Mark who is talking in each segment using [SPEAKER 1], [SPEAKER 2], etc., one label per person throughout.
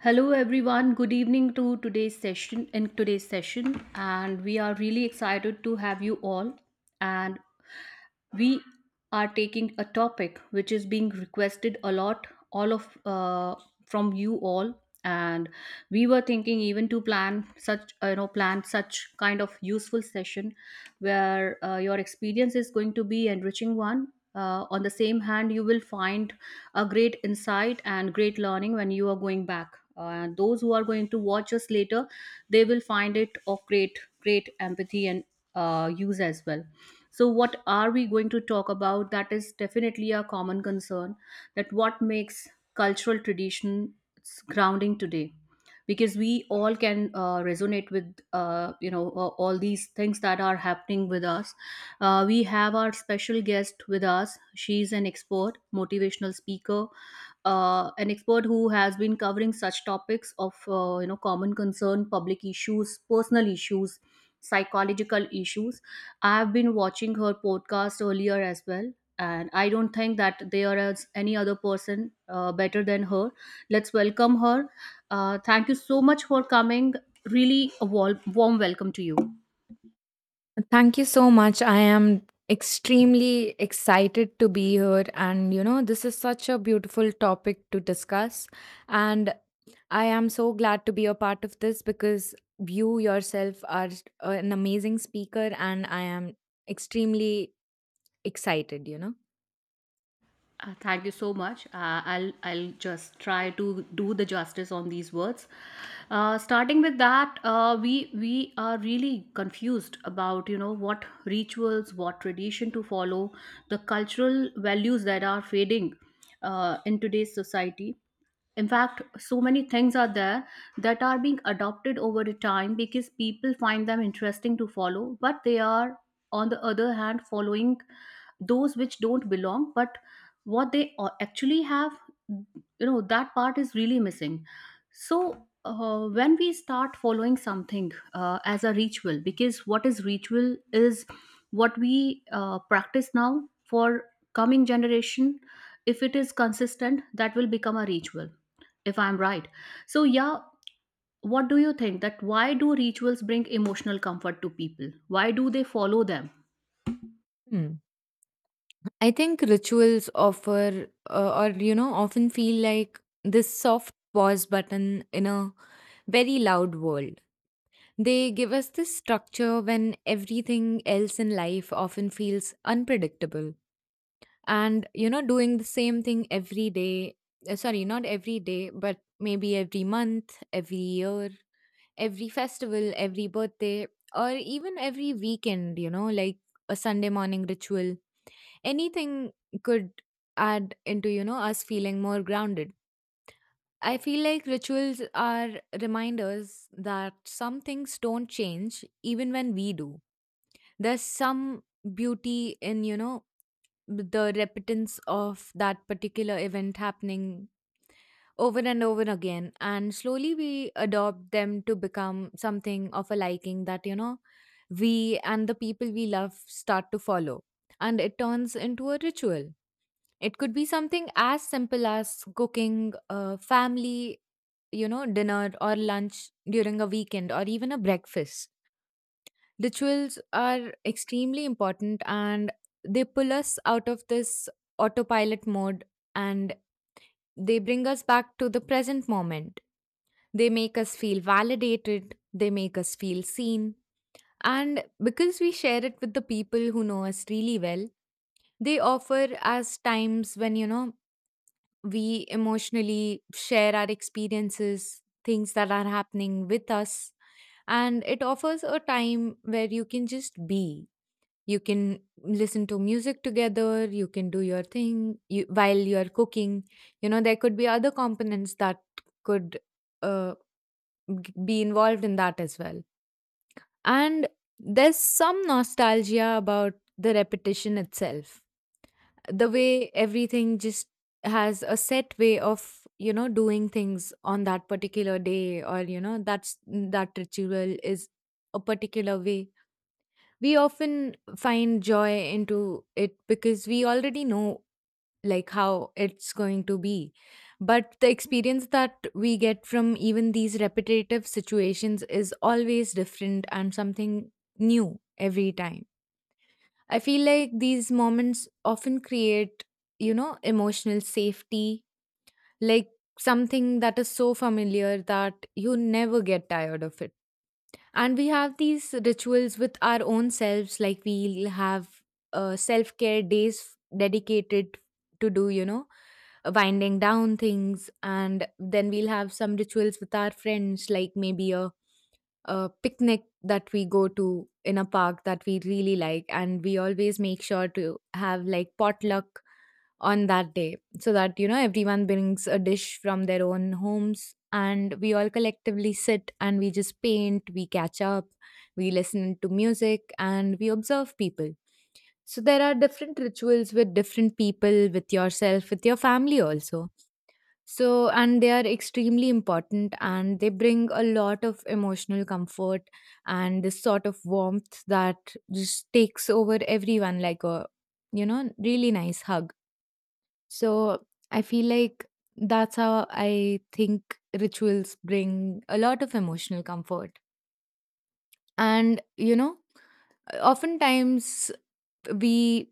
[SPEAKER 1] Hello everyone, good evening to today's session in today's session, and we are really excited to have you all, and we are taking a topic which is being requested a lot all of from you all, and we were thinking even to plan such plan such kind of useful session where your experience is going to be enriching one, on the same hand you will find a great insight and great learning when you are going back. Uh, those who are going to watch us later, they will find it of great great empathy and use as well. So, what are we going to talk about? That is definitely a common concern, that what makes cultural tradition grounding today, because we all can resonate with all these things that are happening with us. We have our special guest with us, she's an expert motivational speaker, an expert who has been covering such topics of common concern, public issues, personal issues, psychological issues. I've been watching her podcast earlier as well, and I don't think that there is any other person better than her. Let's welcome her. Thank you so much for coming. Really a warm welcome to you.
[SPEAKER 2] Thank you so much. I am extremely excited to be here. And, you know, this is such a beautiful topic to discuss. And I am so glad to be a part of this because you yourself are an amazing speaker, and I am extremely excited, you know.
[SPEAKER 1] Thank you so much. I'll just try to do the justice on these words. Starting with that, we are really confused about you know what rituals, what tradition to follow, the cultural values that are fading in today's society. In fact, so many things are there that are being adopted over the time because people find them interesting to follow, but they are, on the other hand, following those which don't belong, but what they actually have, you know, that part is really missing. So when we start following something as a ritual, because what is ritual is what we practice now for coming generation, if it is consistent that will become a ritual, if I'm right. So, yeah, what do you think, that why do rituals bring emotional comfort to people? Why do they follow them?
[SPEAKER 2] Hmm. I think rituals offer, or you know, often feel like this soft pause button in a very loud world. They give us this structure when everything else in life often feels unpredictable. And, you know, doing the same thing every day, sorry, not every day, but maybe every month, every year, every festival, every birthday, or even every weekend, you know, like a Sunday morning ritual. Anything could add into, you know, us feeling more grounded. I feel like rituals are reminders that some things don't change even when we do. There's some beauty in, you know, the repetence of that particular event happening over and over again, and slowly we adopt them to become something of a liking that, you know, we and the people we love start to follow, and it turns into a ritual. It could be something as simple as cooking a family, you know, dinner or lunch during a weekend or even a breakfast. Rituals are extremely important, and they pull us out of this autopilot mode, and they bring us back to the present moment. They make us feel validated, they make us feel seen. And because we share it with the people who know us really well, they offer us times when, you know, we emotionally share our experiences, things that are happening with us. And it offers a time where you can just be, you can listen to music together, you can do your thing you, while you're cooking. You know, there could be other components that could uh, be involved in that as well. And there's some nostalgia about the repetition itself, the way everything just has a set way of, you know, doing things on that particular day, or you know, that's, that ritual is a particular way. We often find joy into it because we already know like how it's going to be, but the experience that we get from even these repetitive situations is always different and something new every time. I feel like these moments often create, you know, emotional safety, like something that is so familiar that you never get tired of it. And we have these rituals with our own selves, like we'll have self care days dedicated to do, you know, winding down things. And then we'll have some rituals with our friends, like maybe a picnic that we go to in a park that we really like. And we always make sure to have like potluck on that day, so that you know everyone brings a dish from their own homes, and we all collectively sit and we just paint, we catch up, we listen to music and we observe people. So there are different rituals with different people, with yourself, with your family also. So, and they are extremely important and they bring a lot of emotional comfort and this sort of warmth that just takes over everyone like a, you know, really nice hug. So I feel like that's how I think rituals bring a lot of emotional comfort. And, you know, oftentimes we,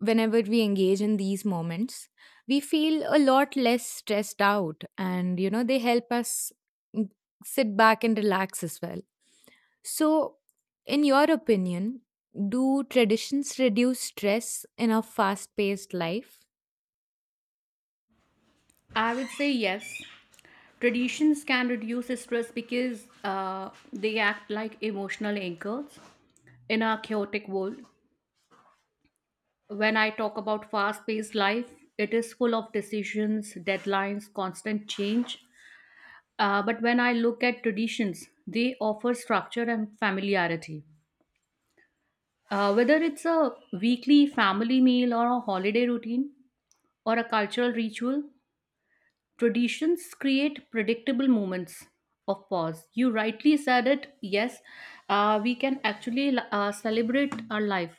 [SPEAKER 2] whenever we engage in these moments, we feel a lot less stressed out. And, you know, they help us mm, sit back and relax as well. So, in your opinion, do traditions reduce stress in a fast paced life?
[SPEAKER 1] I would say yes. Traditions can reduce stress because they act like emotional anchors in a chaotic world. When I talk about fast paced life, it is full of decisions, deadlines, constant change. But when I look at traditions, they offer structure and familiarity. Whether it's a weekly family meal or a holiday routine or a cultural ritual, traditions create predictable moments of pause. You rightly said it, yes, we can actually celebrate our life.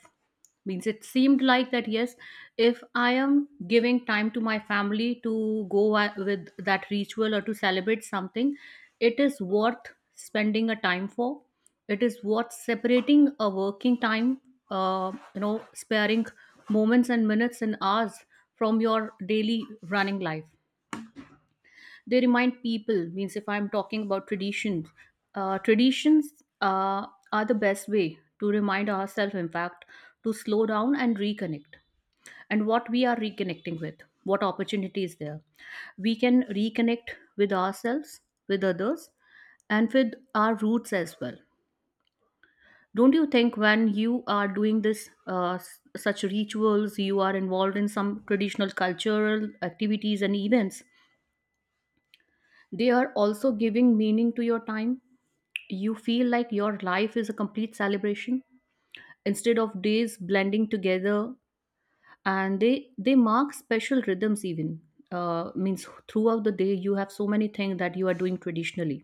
[SPEAKER 1] Means, it seemed like that, yes, if I am giving time to my family to go with that ritual or to celebrate something, it is worth spending a time for, it is worth separating a working time, sparing moments and minutes and hours from your daily running life. They remind people, means, if I'm talking about traditions, traditions uh, are the best way to remind ourselves, in fact, to slow down and reconnect. And what we are reconnecting with, what opportunity is there, we can reconnect with ourselves, with others, and with our roots as well. Don't you think, when you are doing this such rituals, you are involved in some traditional cultural activities and events. They are also giving meaning to your time. You feel like your life is a complete celebration instead of days blending together, and they mark special rhythms even. Means, throughout the day you have so many things that you are doing traditionally.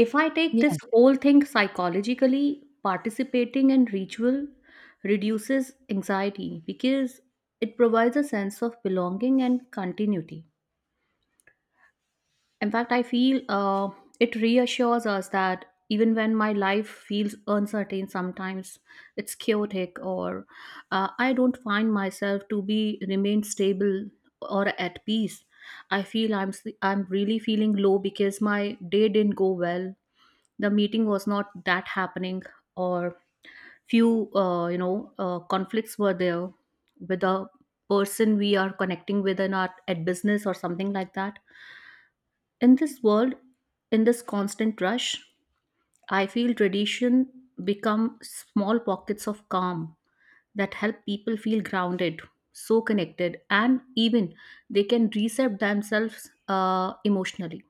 [SPEAKER 1] If I take this
[SPEAKER 2] Yes.
[SPEAKER 1] whole thing psychologically, participating in ritual reduces anxiety because it provides a sense of belonging and continuity. In fact, I feel it reassures us that even when my life feels uncertain, sometimes it's chaotic, or I don't find myself to be remain stable or at peace. I feel I'm really feeling low because my day didn't go well. The meeting was not that happening, or few conflicts were there with the person we are connecting with in our at business or something like that. In this world, in this constant rush, I feel tradition become small pockets of calm that help people feel grounded, so connected, and even they can reset themselves emotionally.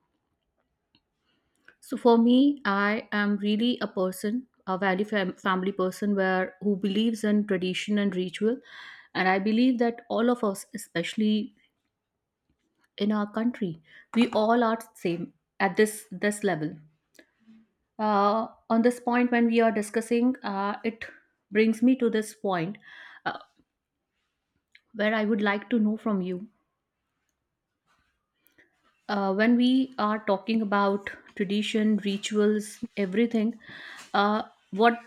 [SPEAKER 1] So for me, I am really a person, a value family person, where who believes in tradition and ritual, and I believe that all of us, especially in our country, we all are same at this level. On this point, when we are discussing, it brings me to this point, uh, where I would like to know from you, when we are talking about tradition, rituals, everything, uh, what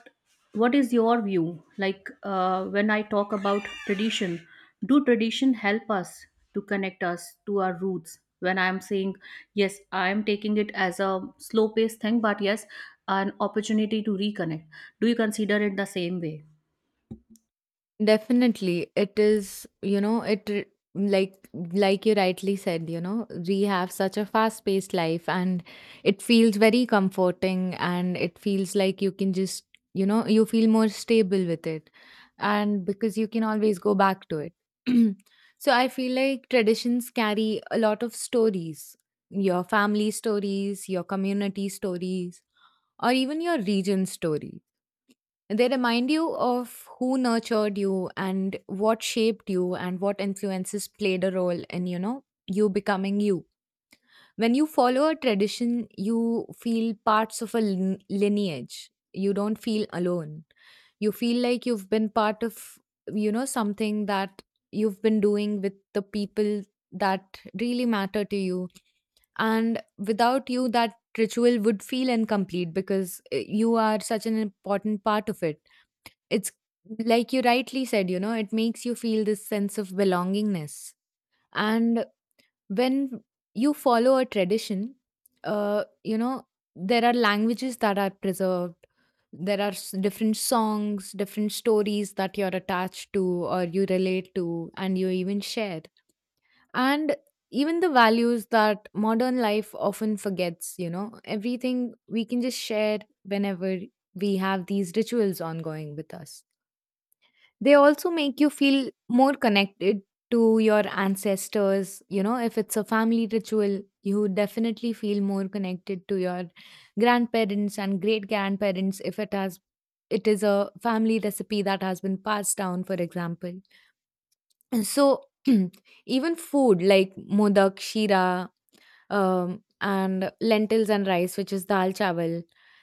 [SPEAKER 1] what is your view, like, when I talk about tradition, do tradition help us to connect us to our roots? When I am saying yes, I am taking it as a slow paced thing, but yes, an opportunity to reconnect. Do you consider it the same way?
[SPEAKER 2] Definitely. It is, you know, like you rightly said, you know, we have such a fast-paced life, and it feels very comforting and it feels like you can just, you know, you feel more stable with it. And because you can always go back to it. So I feel like traditions carry a lot of stories, your family stories, your community stories, or even your region stories. They remind you of who nurtured you and what shaped you and what influences played a role in, you know, you becoming you. When you follow a tradition, you feel parts of a lineage. You don't feel alone. You feel like you've been part of, you know, something that you've been doing with the people that really matter to you. And without you, that ritual would feel incomplete because you are such an important part of it. It's like you rightly said, you know, it makes you feel this sense of belongingness. And when you follow a tradition, you know, there are languages that are preserved. There are different songs, different stories that you're attached to or you relate to, and you even share. And even the values that modern life often forgets, you know, everything we can just share whenever we have these rituals ongoing with us. They also make you feel more connected to your ancestors. You know, if it's a family ritual, you definitely feel more connected to your grandparents and great grandparents, if it has, it is a family recipe that has been passed down, for example. And so even food like modak, shira, and lentils and rice, which is dal chawal.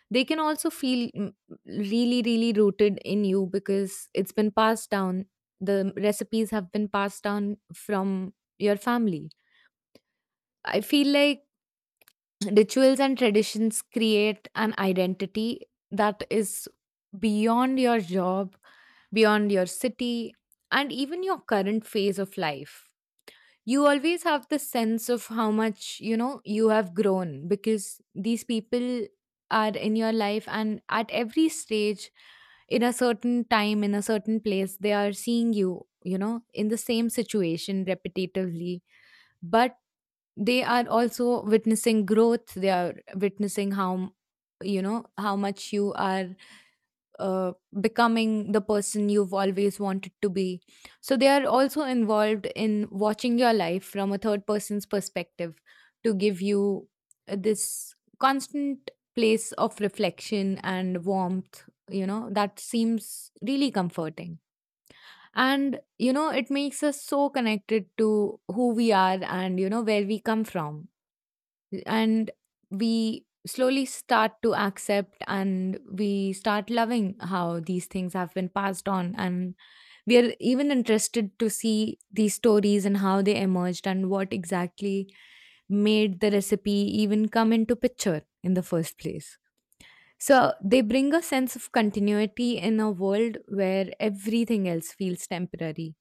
[SPEAKER 2] They can also feel really, really rooted in you because it's been passed down. The recipes have been passed down from your family. I feel like rituals and traditions create an identity that is beyond your job, beyond your city, and even your current phase of life. You always have the sense of how much, you know, you have grown, because these people are in your life and at every stage, in a certain time, in a certain place, they are seeing you, you know, in the same situation repetitively. But they are also witnessing growth, they are witnessing how you know how much you are uh, becoming the person you've always wanted to be. So they are also involved in watching your life from a third person's perspective, to give you this constant place of reflection and warmth, you know, that seems really comforting. And, you know, it makes us so connected to who we are and, you know, where we come from. And we slowly start to accept and we start loving how these things have been passed on, and we are even interested to see these stories and how they emerged and what exactly made the recipe even come into picture in the first place. So they bring a sense of continuity in a world where everything else feels temporary.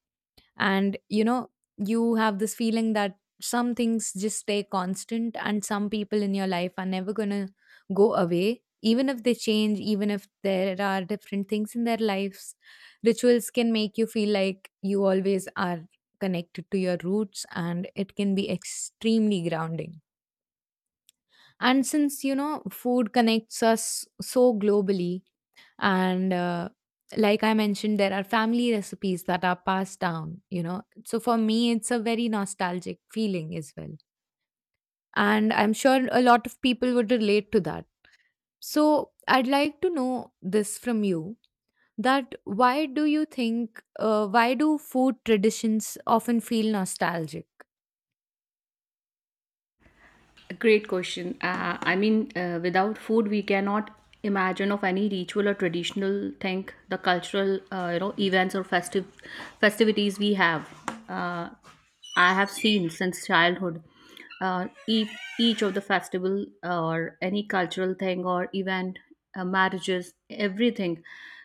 [SPEAKER 2] And you know, you have this feeling that some things just stay constant and some people in your life are never going to go away, even if they change, even if there are different things in their lives. Rituals can make you feel like you always are connected to your roots, and it can be extremely grounding. And since you know food connects us so globally, and like I mentioned, there are family recipes that are passed down, you know. So for me, it's a very nostalgic feeling as well. And I'm sure a lot of people would relate to that. So I'd like to know this from you, that why do you think, why do food traditions often feel nostalgic?
[SPEAKER 1] Great question. I mean, without food, we cannot imagine of any ritual or traditional thing, the cultural, events or festive festivities we have. Uh, I have seen since childhood. Uh, each, each of the festival or any cultural thing or event, marriages, everything,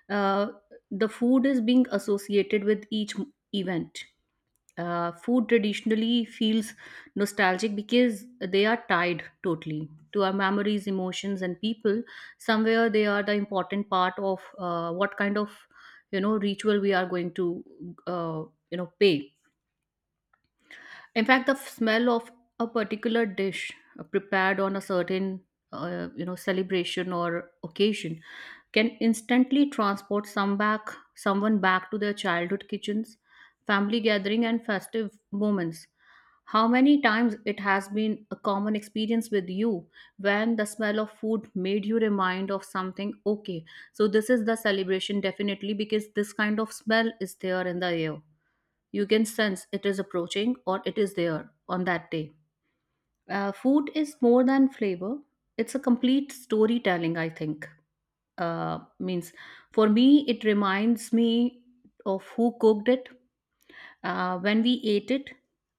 [SPEAKER 1] uh, the food is being associated with each event. Food traditionally feels nostalgic because they are tied totally to our memories, emotions, and people. Somewhere they are the important part of what kind of you know ritual we are going to uh, pay. In fact, the smell of a particular dish prepared on a certain celebration or occasion can instantly transport someone back to their childhood kitchens, family gathering and festive moments. How many times it has been a common experience with you, when the smell of food made you remind of something? Okay, so this is the celebration definitely, because this kind of smell is there in the air, you can sense it is approaching or it is there on that day. Food is more than flavor, it's a complete storytelling, I think. Means, for me, it reminds me of who cooked it, when we ate it,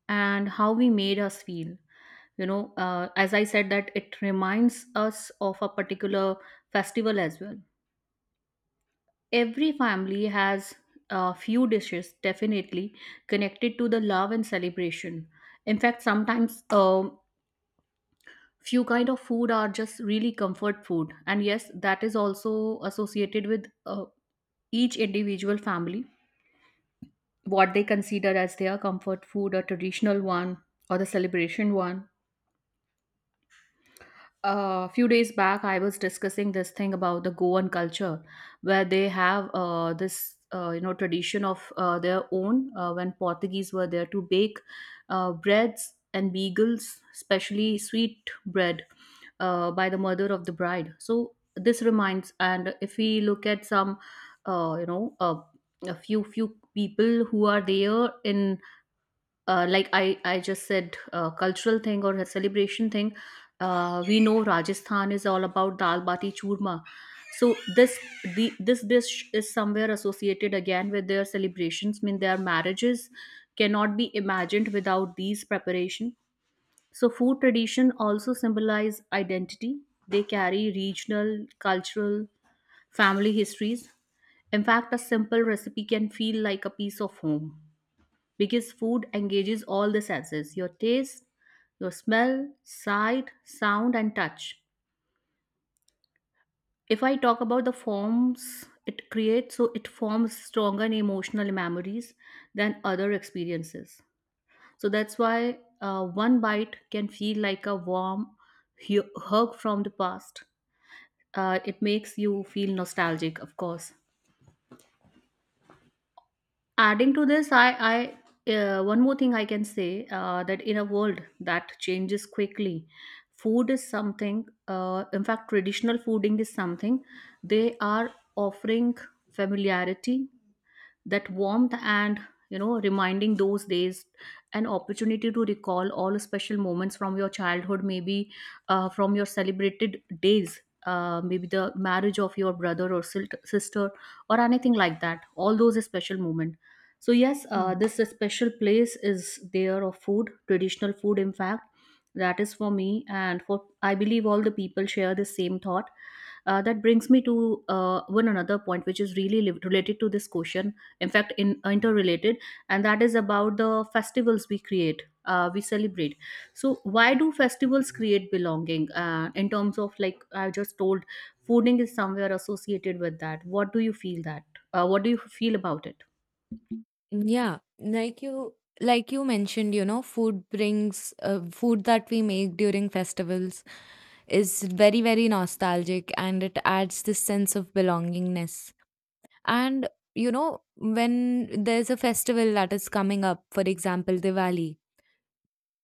[SPEAKER 1] and how we made us feel. You know, as I said, that it reminds us of a particular festival as well. Every family has a few dishes, definitely connected to the love and celebration. In fact, sometimes few kind of food are just really comfort food, and yes, that is also associated with each individual family, what they consider as their comfort food, a traditional one or the celebration one. A few days back I was discussing this thing about the Goan culture, where they have this tradition of their own, when Portuguese were there, to bake breads and beagles, especially sweet bread, by the mother of the bride. So this reminds, and if we look at some uh, you know uh, a few people who are there in, like I just said, cultural thing or a celebration thing. We know Rajasthan is all about dal bati churma. So this this dish is somewhere associated again with their celebrations. I mean, their marriages cannot be imagined without these preparation. So food tradition also symbolize identity. They carry regional, cultural, family histories. In fact, a simple recipe can feel like a piece of home, because food engages all the senses, your taste, your smell, sight, sound, and touch. If I talk about the forms it creates, so it forms stronger and emotional memories than other experiences. So that's why one bite can feel like a warm hug from the past. It makes you feel nostalgic, of course. Adding to this, I one more thing I can say, that in a world that changes quickly, food is something, in fact traditional fooding is something they are offering: familiarity, that warmth, and reminding those days, an opportunity to recall all special moments from your childhood, maybe, from your celebrated days, maybe the marriage of your brother or sister, or anything like that, all those special moments. So yes, this special place is there of food, traditional food, in fact. That is for me, and for, I believe, all the people share the same thought. That brings me to, one another point which is really related to this question, in fact in interrelated. And that is about the festivals we create, we celebrate. So why do festivals create belonging? In terms of, like I just told, fooding is somewhere associated with that. What do you feel that, what do you feel about it?
[SPEAKER 2] Yeah, like you mentioned, you know, food brings food that we make during festivals is very very nostalgic and it adds this sense of belongingness. And you know, when there's a festival that is coming up, for example, Diwali,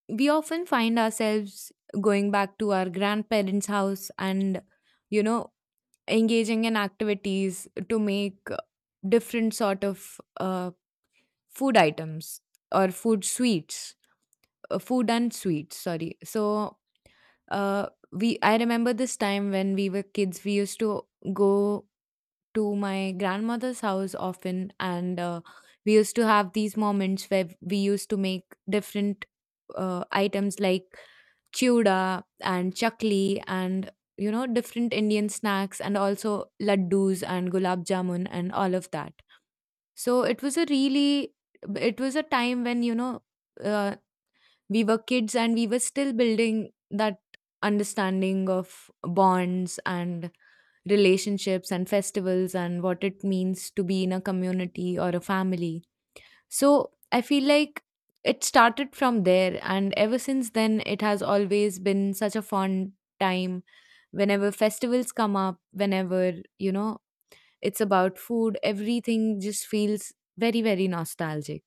[SPEAKER 2] we often find ourselves going back to our grandparents' house and, you know, engaging in activities to make different sort of food items or food sweets, food and sweets, sorry. So uh, we I remember this time when we were kids, we used to go to my grandmother's house often, and we used to have these moments where we used to make different items like chuda and chakli and, you know, different indian snacks and also laddus and gulab jamun and all of that. So it was a really, it was a time when, you know, uh, we were kids and we were still building that understanding of bonds and relationships and festivals and what it means to be in a community or a family. So I feel like it started from there, and ever since then, it has always been such a fun time. Whenever festivals come up, whenever, it's about food, everything just feels very nostalgic.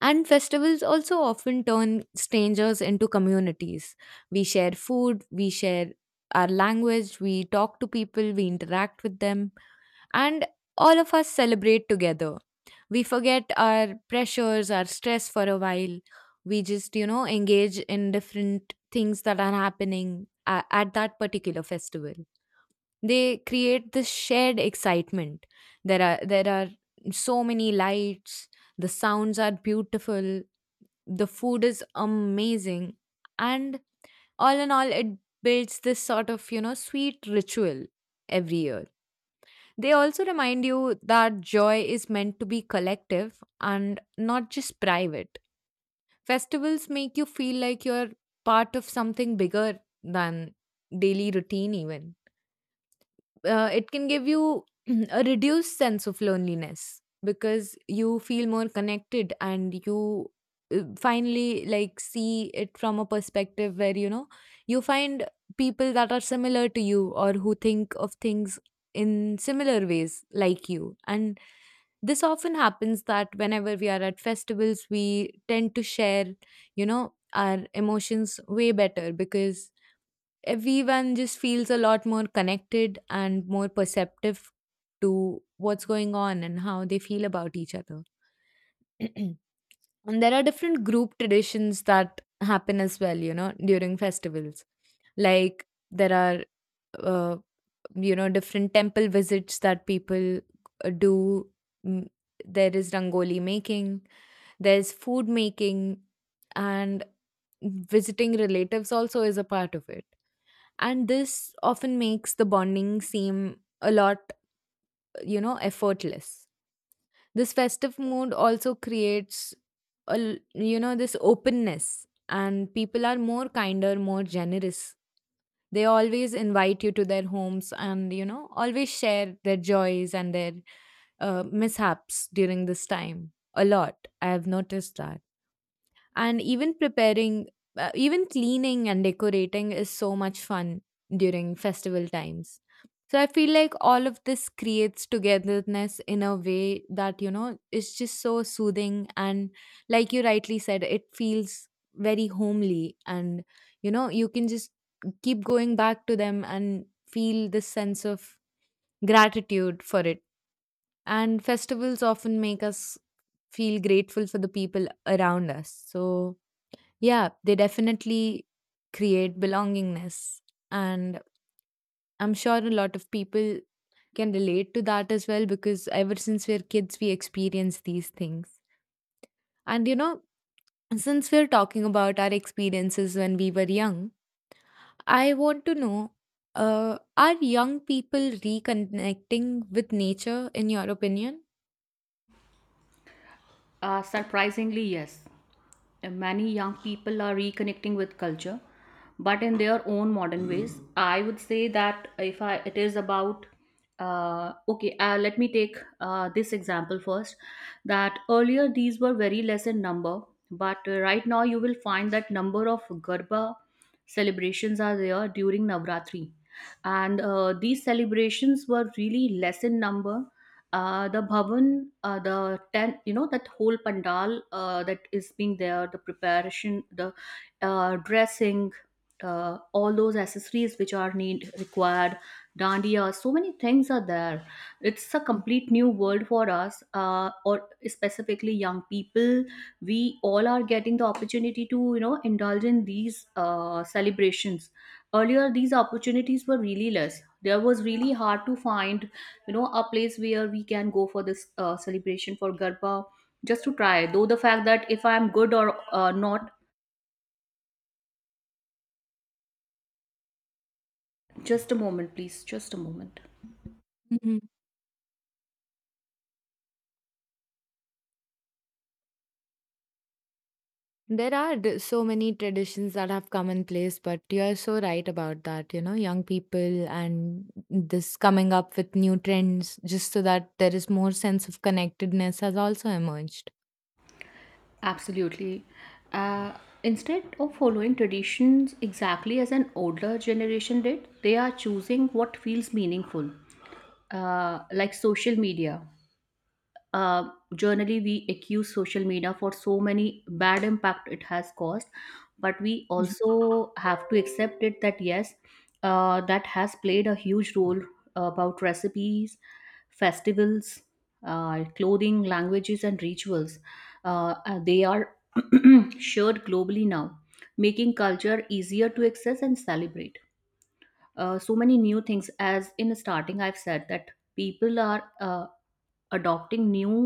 [SPEAKER 2] And festivals also often turn strangers into communities. We share food, we share our language, we talk to people, we interact with them, and all of us celebrate together. We forget our pressures, our stress for a while. We just engage in different things that are happening at that particular festival. They create this shared excitement. There are so many lights, the sounds are beautiful, the food is amazing, and all in all it builds this sort of, sweet ritual every year. They also remind you that joy is meant to be collective and not just private. Festivals make you feel like you're part of something bigger than daily routine even. It can give you a reduced sense of loneliness because you feel more connected, and you finally like see it from a perspective where, you find people that are similar to you or who think of things in similar ways like you. And this often happens, that whenever we are at festivals, we tend to share, our emotions way better because everyone just feels a lot more connected and more perceptive to what's going on and how they feel about each other. And there are different group traditions that happen as well, you know, during festivals. Like, there are uh, you know, different temple visits that people do. Mm, there is rangoli making, there's food making, and visiting relatives also is a part of it. And this often makes the bonding seem a lot, effortless. This festive mood also creates you know, this openness, and people are more kinder, more generous. They always invite you to their homes and, always share their joys and their mishaps during this time a lot. I have noticed that. And even preparing, even cleaning and decorating is so much fun during festival times. So I feel like all of this creates togetherness in a way that, you know, is just so soothing. And like you rightly said, it feels very homely. And, you know, you can just keep going back to them and feel this sense of gratitude for it. And festivals often make us feel grateful for the people around us. So, yeah, they definitely create belongingness. And I'm sure a lot of people can relate to that as well, because ever since we're kids, we experience these things. And you know, since we're talking about our experiences when we were young, I want to know, are young people reconnecting with nature, in your opinion?
[SPEAKER 1] Surprisingly, yes. Many young people are reconnecting with culture, but in their own modern ways. I would say that, if I, it is about, okay, let me take this example first. That earlier these were very less in number, but right now you will find that number of Garba celebrations are there during Navratri, and these celebrations were really less in number. The bhavan, the tent, you know, that whole pandal that is being there, the preparation, the dressing, all those accessories which are need required, dandiya, so many things are there. It's a complete new world for us, or specifically young people. We all are getting the opportunity to, you know, indulge in these celebrations. Earlier, these opportunities were really less. There was really hard to find, you know, a place where we can go for this celebration, for garba, just to try though, the fact that if I am good or not. Just a moment, please, just a moment.
[SPEAKER 2] Mhm. There are so many traditions that have come in place, but you're so right about that. You know, young people and this coming up with new trends just so that there is more sense of connectedness has also emerged.
[SPEAKER 1] Absolutely. Uh, Instead of following traditions exactly as an older generation did, they are choosing what feels meaningful, like social media. uh, Generally we accuse social media for so many bad impact it has caused, but we
[SPEAKER 2] Mhm.
[SPEAKER 1] also have to accept it that yes, that has played a huge role, about recipes, festivals, clothing, languages and rituals. They are shared globally now, making culture easier to access and celebrate. So many new things, as in the starting I've said, that people are, adopting new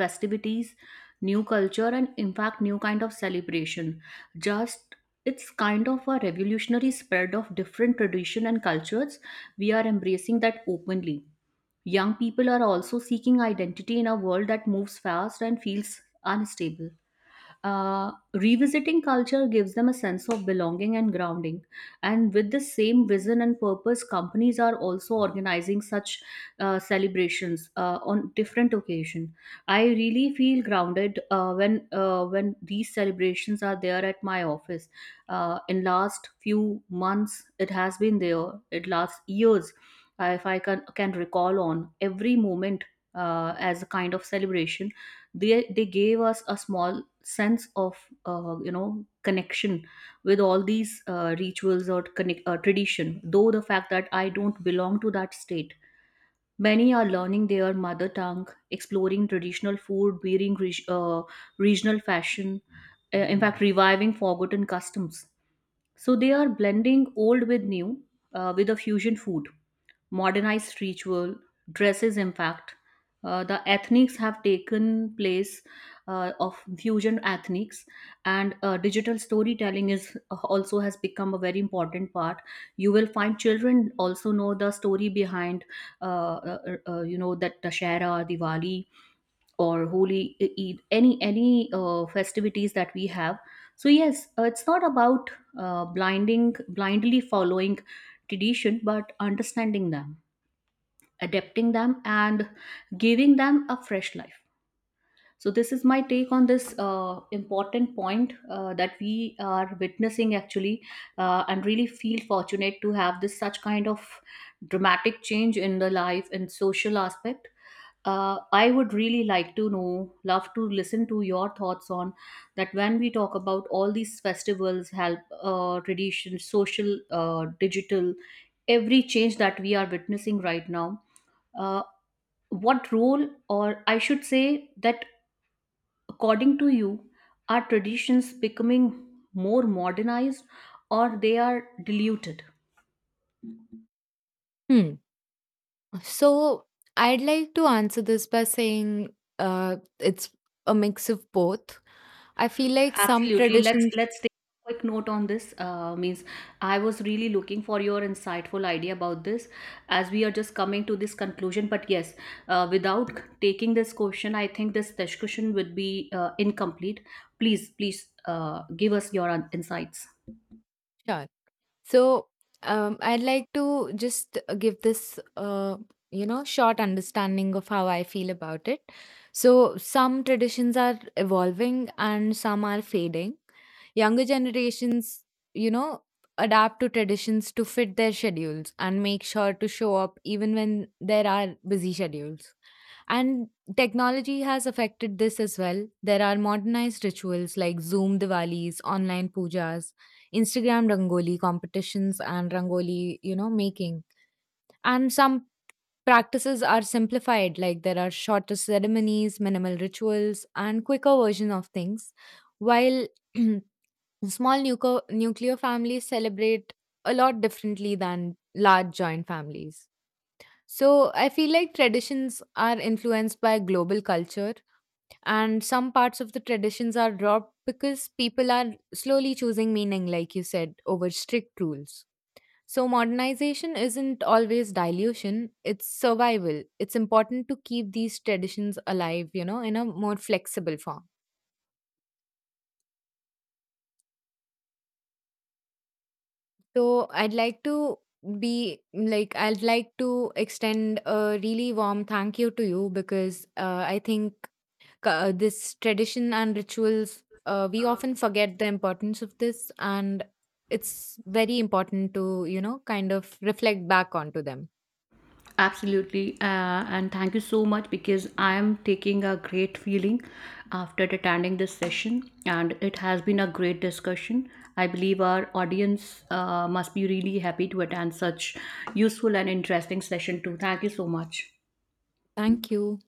[SPEAKER 1] festivities, new culture, and in fact new kind of celebration. Just, it's kind of a revolutionary spread of different tradition and cultures. We are embracing that openly. Young people are also seeking identity in a world that moves fast and feels unstable. Revisiting culture gives them a sense of belonging and grounding. And with the same vision and purpose, companies are also organizing such celebrations on different occasion. I really feel grounded when these celebrations are there at my office. In last few months, it has been there. It lasts years. If I can recall on every moment as a kind of celebration, they gave us a small sense of, you know, connection with all these rituals, or tradition, though the fact that I don't belong to that state. Many are learning their mother tongue, exploring traditional food, wearing regional fashion, in fact reviving forgotten customs. So they are blending old with new, with a fusion food, modernized ritual, dresses impact. The ethnics have taken place of fusion ethnics. And digital storytelling is also has become a very important part. You will find children also know the story behind, uh, you know, that dashera, diwali, or Holy Eid, any festivities that we have. So yes, it's not about blinding blindly following tradition, but understanding them, adapting them, and giving them a fresh life. So this is my take on this important point that we are witnessing actually, and really feel fortunate to have this such kind of dramatic change in the life and social aspect. I would really like to know, love to listen to your thoughts on that. When we talk about all these festivals, help, tradition, social, digital, every change that we are witnessing right now, Uh, what role, or I should say, that according to you, are traditions becoming more modernized, or they are diluted?
[SPEAKER 2] Hmm. So I'd like to answer this by saying, it's a mix of both. I feel like some
[SPEAKER 1] Absolutely. let's
[SPEAKER 2] traditions.
[SPEAKER 1] let's take a quick note on this. Means I was really looking for your insightful idea about this, as we are just coming to this conclusion. But yes, without taking this question, I think this discussion would be incomplete. Please, give us your insights.
[SPEAKER 2] Sure. So I'd like to just give this, you know, short understanding of how I feel about it. So some traditions are evolving and some are fading. Younger generations, you know, adapt to traditions to fit their schedules and make sure to show up even when there are busy schedules. And technology has affected this as well. There are modernized rituals like Zoom Diwalis, online pujas, Instagram Rangoli competitions, and Rangoli, you know, making. And some practices are simplified, like there are shorter ceremonies, minimal rituals, and quicker version of things. While nuclear families celebrate a lot differently than large joint families. So I feel like traditions are influenced by global culture, and some parts of the traditions are dropped because people are slowly choosing meaning, like you said, over strict rules. So, modernization isn't always dilution, it's survival. It's important to keep these traditions alive, you know, in a more flexible form. So, I'd like to extend a really warm thank you to you, because I think this tradition and rituals, we often forget the importance of this, and it's very important to, you know, kind of reflect back onto them.
[SPEAKER 1] Absolutely. And thank you so much, because I am taking a great feeling after attending this session. And it has been a great discussion. I believe our audience must be really happy to attend such useful and interesting session too. Thank you so much.
[SPEAKER 2] Thank you.